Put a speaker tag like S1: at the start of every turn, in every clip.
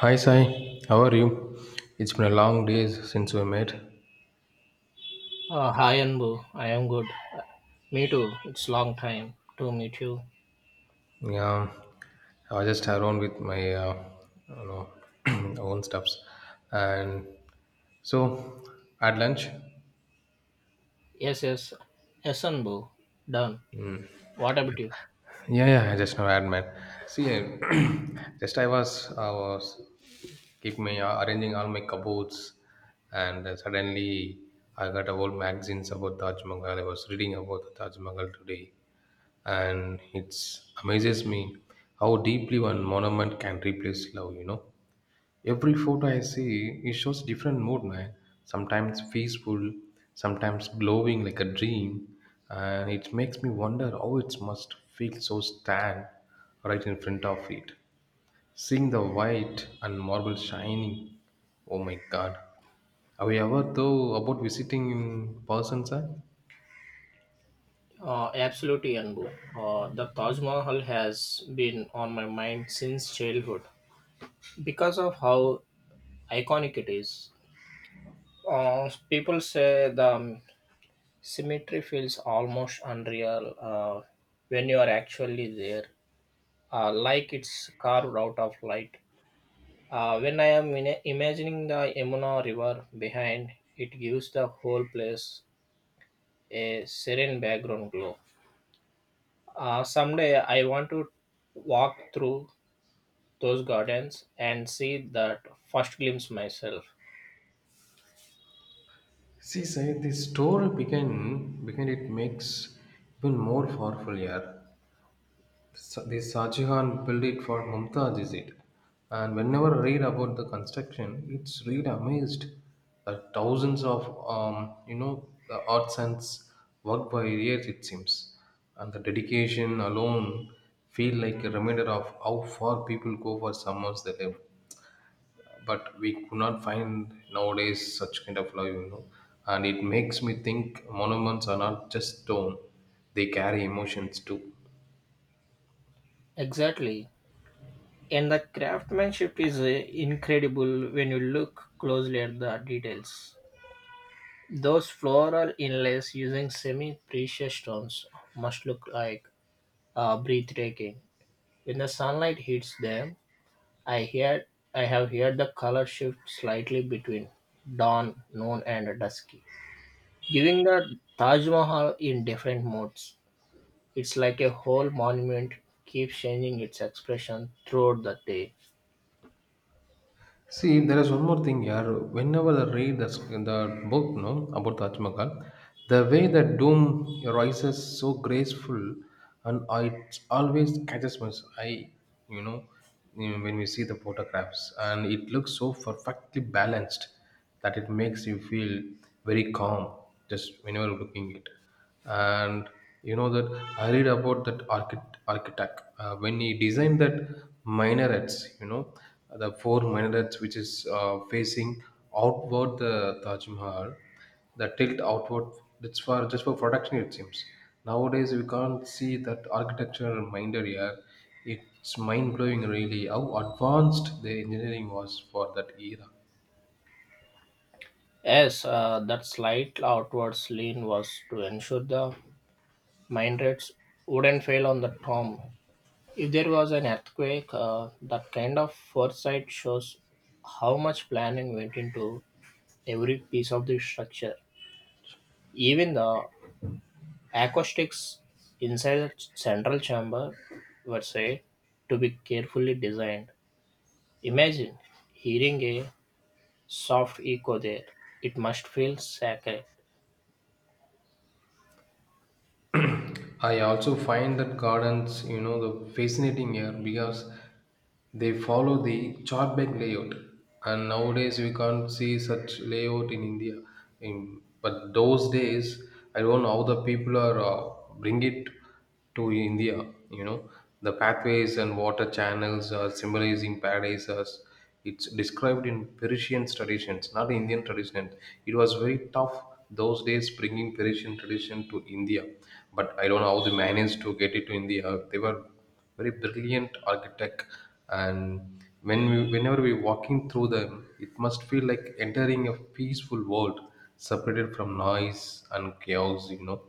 S1: Hi Sai, how are you? It's been a long days since we met.
S2: Hi Anbu, I am good. Me too. It's long time to meet you.
S1: Yeah, I was just around with my, you know, own stuffs, and so at lunch.
S2: Yes, yes. Yes, Anbu. Done. What about you?
S1: Yeah, yeah, I just now had met. See, just I was keep me arranging all my cupboards, and suddenly I got a whole magazines about Taj Mahal. I was reading about the Taj Mahal today and it amazes me how deeply one monument can replace love. Every photo I see, it shows different mood, man. Sometimes peaceful, sometimes glowing like a dream. And it makes me wonder how it must feel so stand right in front of it, seeing the white and marble shining. Oh my god, have you ever thought about visiting in person, sir?
S2: Absolutely, Anbu. The Taj Mahal has been on my mind since childhood because of how iconic it is. People say the symmetry feels almost unreal, when you are actually there, like it's carved out of light. When I am in imagining the Yamuna River behind, it gives the whole place a serene background glow. Someday I want to walk through those gardens and see that first glimpse myself.
S1: See, Sai, the story behind it makes even more powerful here. The Shahjahan built it for Mumtaz, is it? And whenever I read about the construction, it's really amazed that thousands of um, you know the artisans worked by years it seems, and the dedication alone feel like a reminder of how far people go for summers they live, but we could not find nowadays such kind of love. And it makes me think monuments are not just stone, they carry emotions too.
S2: Exactly. And the craftsmanship is, incredible when you look closely at the details. Those floral inlays using semi precious stones must look like, breathtaking. When the sunlight hits them, I hear I have heard the color shift slightly between dawn, noon and dusky, giving the Taj Mahal in different moods. It's like a whole monument keeps changing its expression throughout the day.
S1: See, there is one more thing here. Whenever I read the book, no, about Taj Mahal, the way the dome rises so graceful, and it always catches my eye you know when we see the photographs. And it looks so perfectly balanced that it makes you feel very calm just whenever looking it. And you know that I read about that architect when he designed that minarets, you know, the four minarets which is facing outward the Taj Mahal, the tilt outward. It's for just for protection, it seems. Nowadays, we can't see that architecture minder here. It's mind blowing, really, how advanced the engineering was for that era.
S2: Yes, that slight outward lean was to ensure the mine rates wouldn't fail on the tomb. If there was an earthquake, that kind of foresight shows how much planning went into every piece of the structure. Even the acoustics inside the central chamber were said to be carefully designed. Imagine hearing a soft echo there. It must feel sacred.
S1: I also find that gardens, you know, the fascinating here because they follow the chart bank layout, and nowadays we can't see such layout in India. In but those days, I don't know how the people are bring it to India. You know, the pathways and water channels are symbolizing paradise as it's described in Persian traditions, not Indian traditions. It was very tough those days bringing Persian tradition to India, but I don't know how they managed to get it to India. They were very brilliant architect, and whenever we're walking through them, it must feel like entering a peaceful world separated from noise and chaos. You know,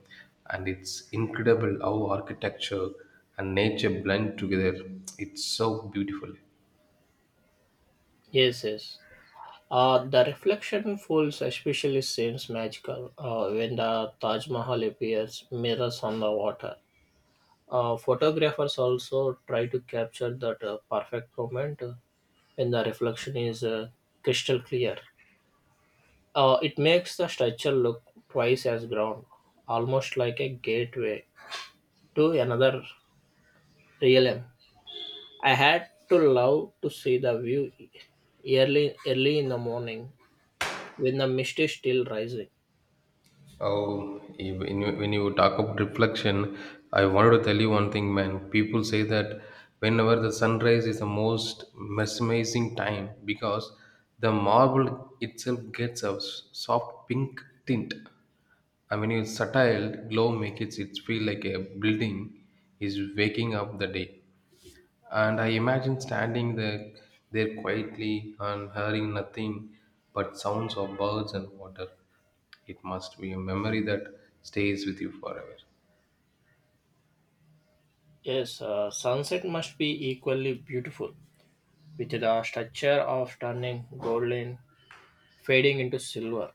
S1: and it's incredible how architecture and nature blend together. It's so beautiful.
S2: Yes, yes. The reflection falls especially seems magical, when the Taj Mahal appears mirrors on the water. Photographers also try to capture that, perfect moment, when the reflection is, crystal clear. It makes the structure look twice as grand, almost like a gateway to another realm. I had to love to see the view early in the morning when the mist is still rising.
S1: Oh, eh, when you talk about reflection, I wanted to tell you one thing, man. People say that whenever the sunrise is the most mesmerizing time because the marble itself gets a soft pink tint. I mean, its subtle glow makes it feel like a building is waking up the day. And I imagine standing there, there quietly and hearing nothing but sounds of birds and water. It must be a memory that stays with you forever.
S2: Yes, sunset must be equally beautiful, with the structure of turning golden, fading into silver.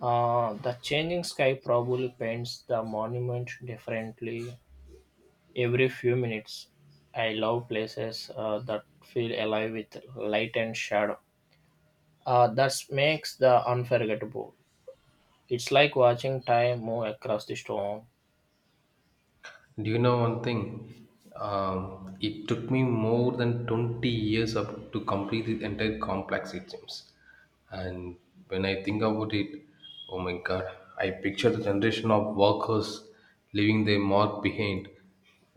S2: The changing sky probably paints the monument differently every few minutes. I love places, that feel alive with light and shadow. That makes the unforgettable. It's like watching time move across the storm.
S1: Do you know one thing? It took me more than 20 years up to complete the entire complex, it seems. And when I think about it, oh my god, I picture the generation of workers leaving their mark behind.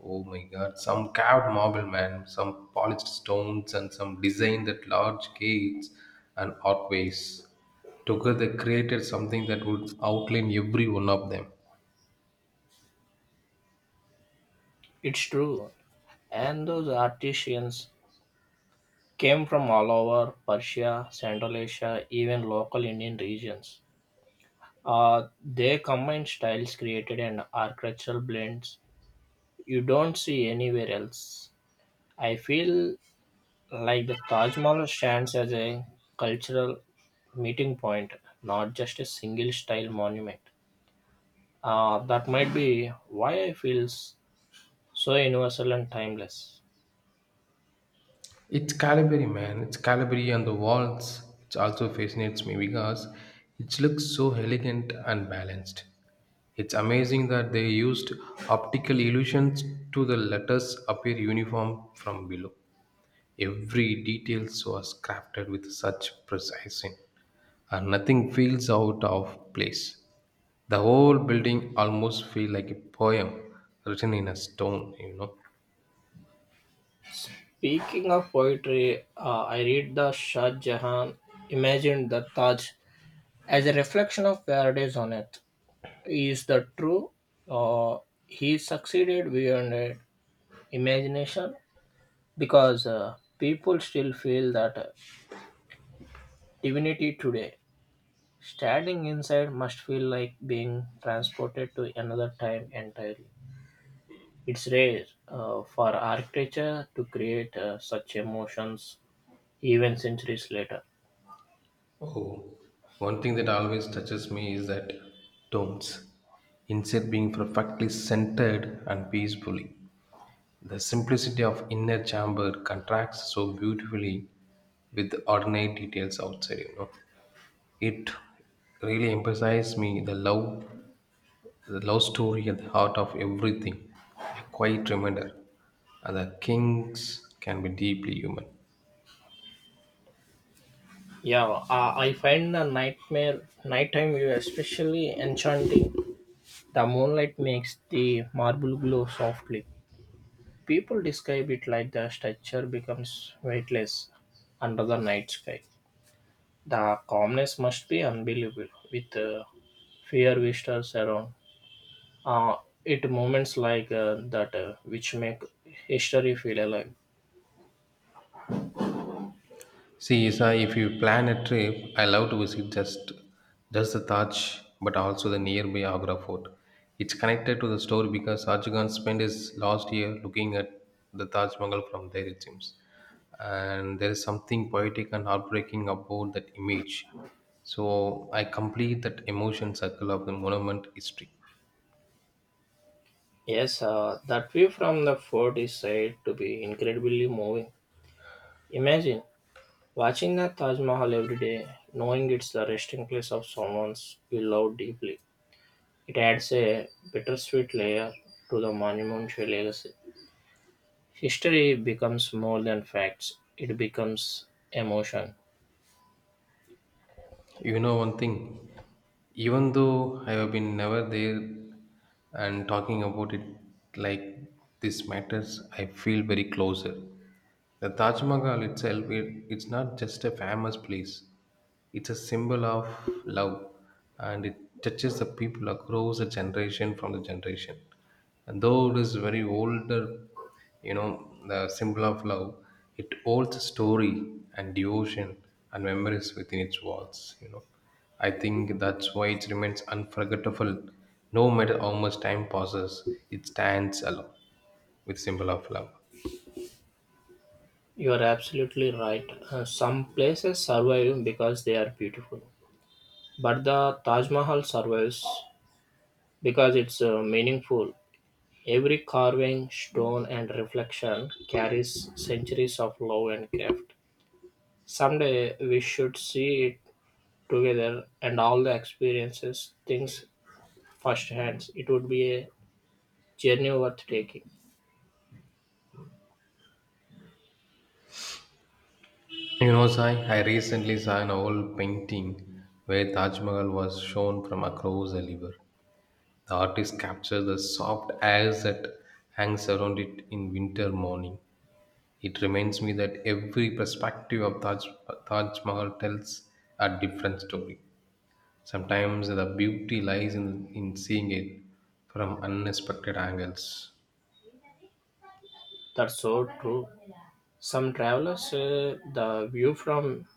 S1: Oh my god, some carved marble, man, some polished stones, and some designed at large gates and archways. Together, they created something that would outline every one of them.
S2: It's true. And those artisans came from all over Persia, Central Asia, even local Indian regions. They combined styles created and architectural blends you don't see anywhere else. I feel like the Taj Mahal stands as a cultural meeting point, not just a single style monument. That might be why I feel so universal and timeless.
S1: It's Calibri, man. It's Calibri on the walls. It also fascinates me because it looks so elegant and balanced. It's amazing that they used optical illusions to the letters appear uniform from below. Every detail so was crafted with such precision, and nothing feels out of place. The whole building almost feels like a poem written in a stone, you know.
S2: Speaking of poetry, I read the Shah Jahan imagined the Taj as a reflection of paradise on earth. Is that true? Uh, he succeeded beyond, imagination because, people still feel that, divinity today. Standing inside must feel like being transported to another time entirely. It's rare, for architecture to create, such emotions even centuries later.
S1: Oh, one thing that always touches me is that tones, instead being perfectly centered and peacefully. The simplicity of inner chamber contrasts so beautifully with the ornate details outside, you know. It really emphasizes me the love story at the heart of everything. A quiet reminder. And the kings can be deeply human.
S2: Yeah, I find the nightmare nighttime view especially enchanting. The moonlight makes the marble glow softly. People describe it like the structure becomes weightless under the night sky. The calmness must be unbelievable with, fear visitors around. Uh, it moments like, that, which make history feel alive.
S1: See, Isa, if you plan a trip, I love to visit just the Taj, but also the nearby Agra Fort. It's connected to the story because Arjugan spent his last year looking at the Taj Mahal from there, it seems. And there is something poetic and heartbreaking about that image. So I complete that emotion circle of the monument history.
S2: Yes, that view from the fort is said to be incredibly moving. Imagine watching the Taj Mahal every day, knowing it's the resting place of someone you love deeply. It adds a bittersweet layer to the monumental legacy. History becomes more than facts, it becomes emotion.
S1: You know one thing, even though I have been never there and talking about it like this matters, I feel very closer. The Taj Mahal itself, it's not just a famous place. It's a symbol of love, and it touches the people across a generation from the generation. And though it is very older, you know, the symbol of love, it holds a story and devotion and memories within its walls, you know. I think that's why it remains unforgettable. No matter how much time passes, it stands alone with symbol of love.
S2: You are absolutely right. Some places survive because they are beautiful, but the Taj Mahal survives because it's, meaningful. Every carving, stone, and reflection carries centuries of love and craft. Someday we should see it together and all the experiences, things firsthand. It would be a journey worth taking.
S1: You know, Sai, I recently saw an old painting where Taj Mahal was shown from across a river. The artist captured the soft air that hangs around it in winter morning. It reminds me that every perspective of Taj Mahal tells a different story. Sometimes the beauty lies in seeing it from unexpected angles.
S2: That's so true. Some travelers say the view from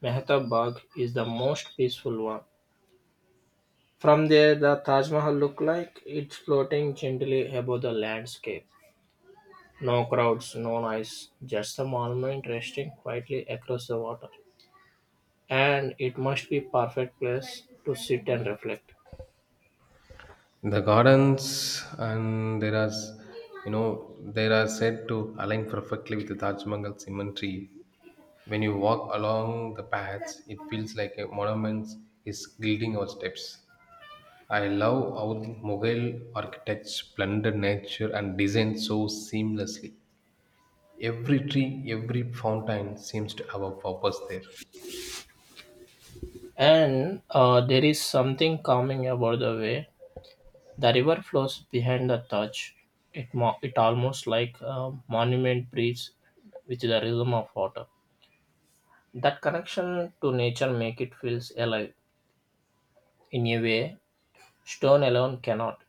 S2: Mehtabad is the most peaceful one. From there, the Taj Mahal looked like it's floating gently above the landscape. No crowds, no noise, just the monument resting quietly across the water. And it must be perfect place to sit and reflect.
S1: The gardens and there are, there are said to align perfectly with the Taj Mahal cemetery. When you walk along the paths, it feels like a monument is gilding our steps. I love how Mughal architects blended nature and design so seamlessly. Every tree, every fountain seems to have a purpose there.
S2: And, there is something calming about the way the river flows behind the Taj. It it almost like a monument breathes with the rhythm of water. That connection to nature make it feels alive in a way stone alone cannot.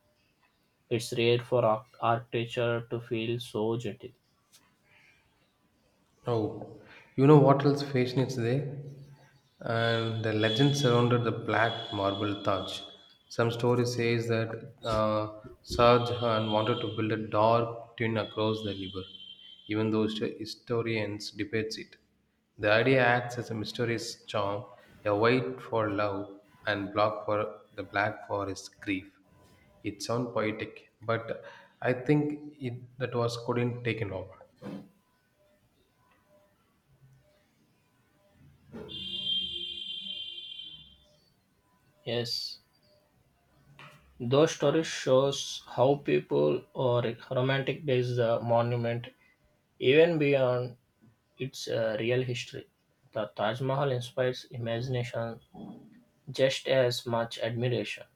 S2: It's rare for architecture to feel so gentle.
S1: Oh, you know what else fascinates there? And the legend surrounded the black marble Taj. Some story says that Shah Jahan wanted to build a dark twin across the river, even though historians debate it. The idea acts as a mysterious charm, a white for love and black for the black forest grief. It sounds poetic, but I think it, that was couldn't taken over.
S2: Yes, those stories shows how people or romanticize the monument even beyond its, real history. The Taj Mahal inspires imagination just as much admiration,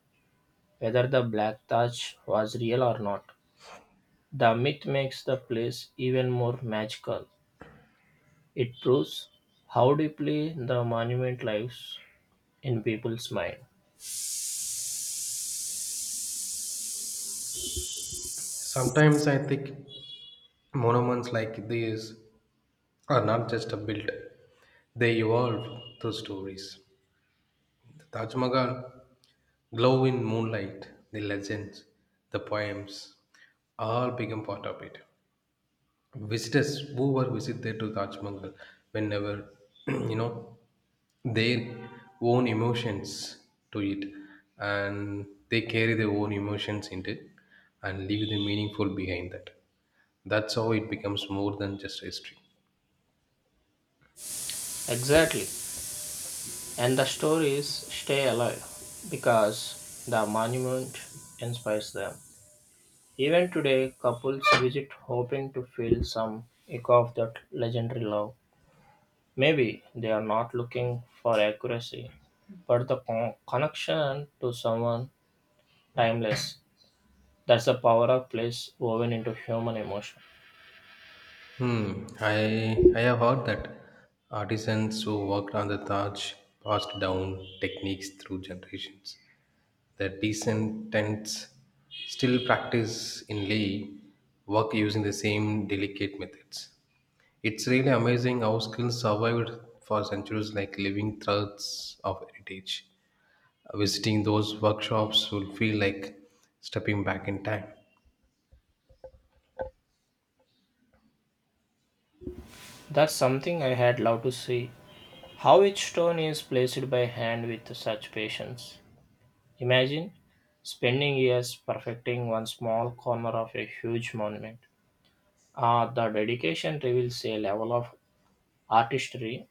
S2: whether the Black Taj was real or not. The myth makes the place even more magical. It proves how deeply the monument lives in people's mind.
S1: Sometimes I think monuments like these are not just built, they evolve through stories. The Taj Mahal, glow in moonlight, the legends, the poems, all become part of it. Visitors who were visit there to Taj Mahal whenever you know their own emotions to it, and they carry their own emotions into it and leave the meaningful behind that. That's how it becomes more than just history.
S2: Exactly. And the stories stay alive because the monument inspires them. Even today, couples visit hoping to feel some echo of that legendary love. Maybe they are not looking for accuracy, but the connection to someone timeless. That's the power of place woven into human emotion.
S1: Hmm, I have heard that artisans who worked on the Taj passed down techniques through generations. The descendants still practice in Leh work using the same delicate methods. It's really amazing how skills survived for centuries, like living threads of heritage. Visiting those workshops will feel like stepping back in time.
S2: That's something I had loved to see. How each stone is placed by hand with such patience. Imagine spending years perfecting one small corner of a huge monument. The dedication reveals a level of artistry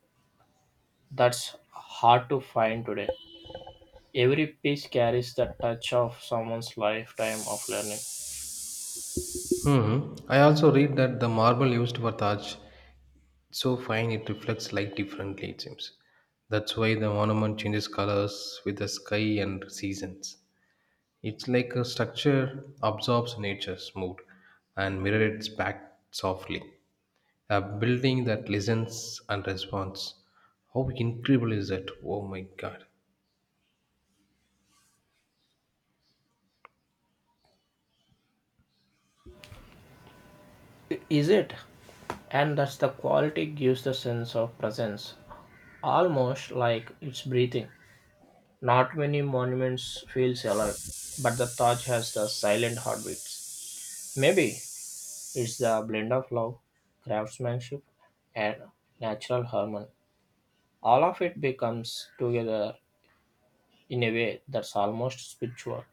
S2: that's hard to find today. Every piece carries the touch of someone's lifetime of learning.
S1: Hmm, I also read that the marble used for Taj so fine, it reflects light differently, it seems. That's why the ornament changes colors with the sky and seasons. It's like a structure absorbs nature's mood and mirrors its back softly, a building that listens and responds. How incredible is that? Oh my god.
S2: I- Is it? And that's the quality gives the sense of presence, almost like it's breathing. Not many monuments feels alive, but the Taj has the silent heartbeats. Maybe it's a blend of love, craftsmanship, and natural harmony. All of it becomes together in a way that's almost spiritual.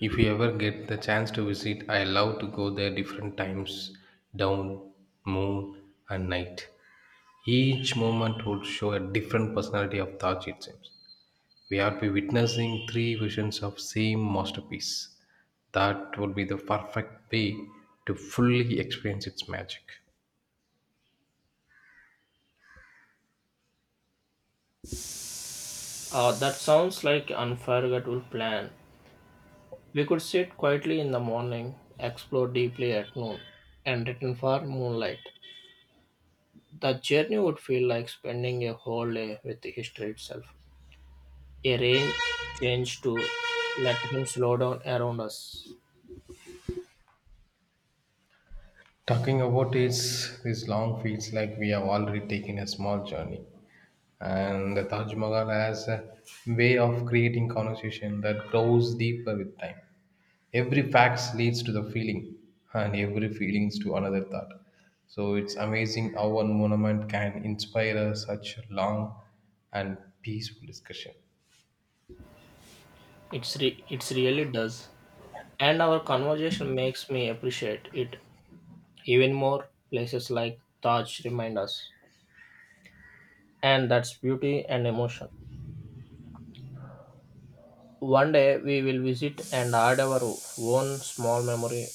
S1: If you ever get the chance to visit, I love to go there different times down, moon, and night. Each moment would show a different personality of Taj, it seems. We are be witnessing three visions of same masterpiece. That would be the perfect way to fully experience its magic.
S2: That sounds like an unforgettable plan. We could sit quietly in the morning, explore deeply at noon, and return for moonlight. The journey would feel like spending a whole day with history itself. A range change to let him slow down around us.
S1: Talking about it's this long feels like we have already taken a small journey. And the Taj Mahal has a way of creating conversation that grows deeper with time. Every fact leads to the feeling, and every feelings to another thought. So it's amazing how one monument can inspire us such a long and peaceful discussion.
S2: It's really does. And our conversation makes me appreciate it even more. Places like Taj remind us. And that's beauty and emotion. One day we will visit and add our own small memory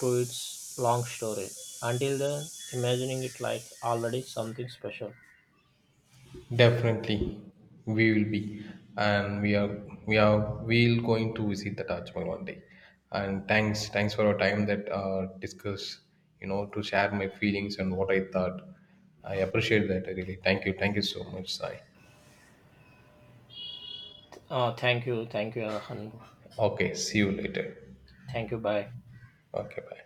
S2: to its long story. Until then, imagining it like already something special.
S1: Definitely, we will be, and we are we'll going to visit the Taj Mahal one day. And thanks, for your time that discuss, you know, to share my feelings and what I thought. I appreciate that really. Thank you, so much, Sai.
S2: Oh, thank you, Arhan.
S1: Okay, see you later.
S2: Thank you, bye.
S1: Okay, bye.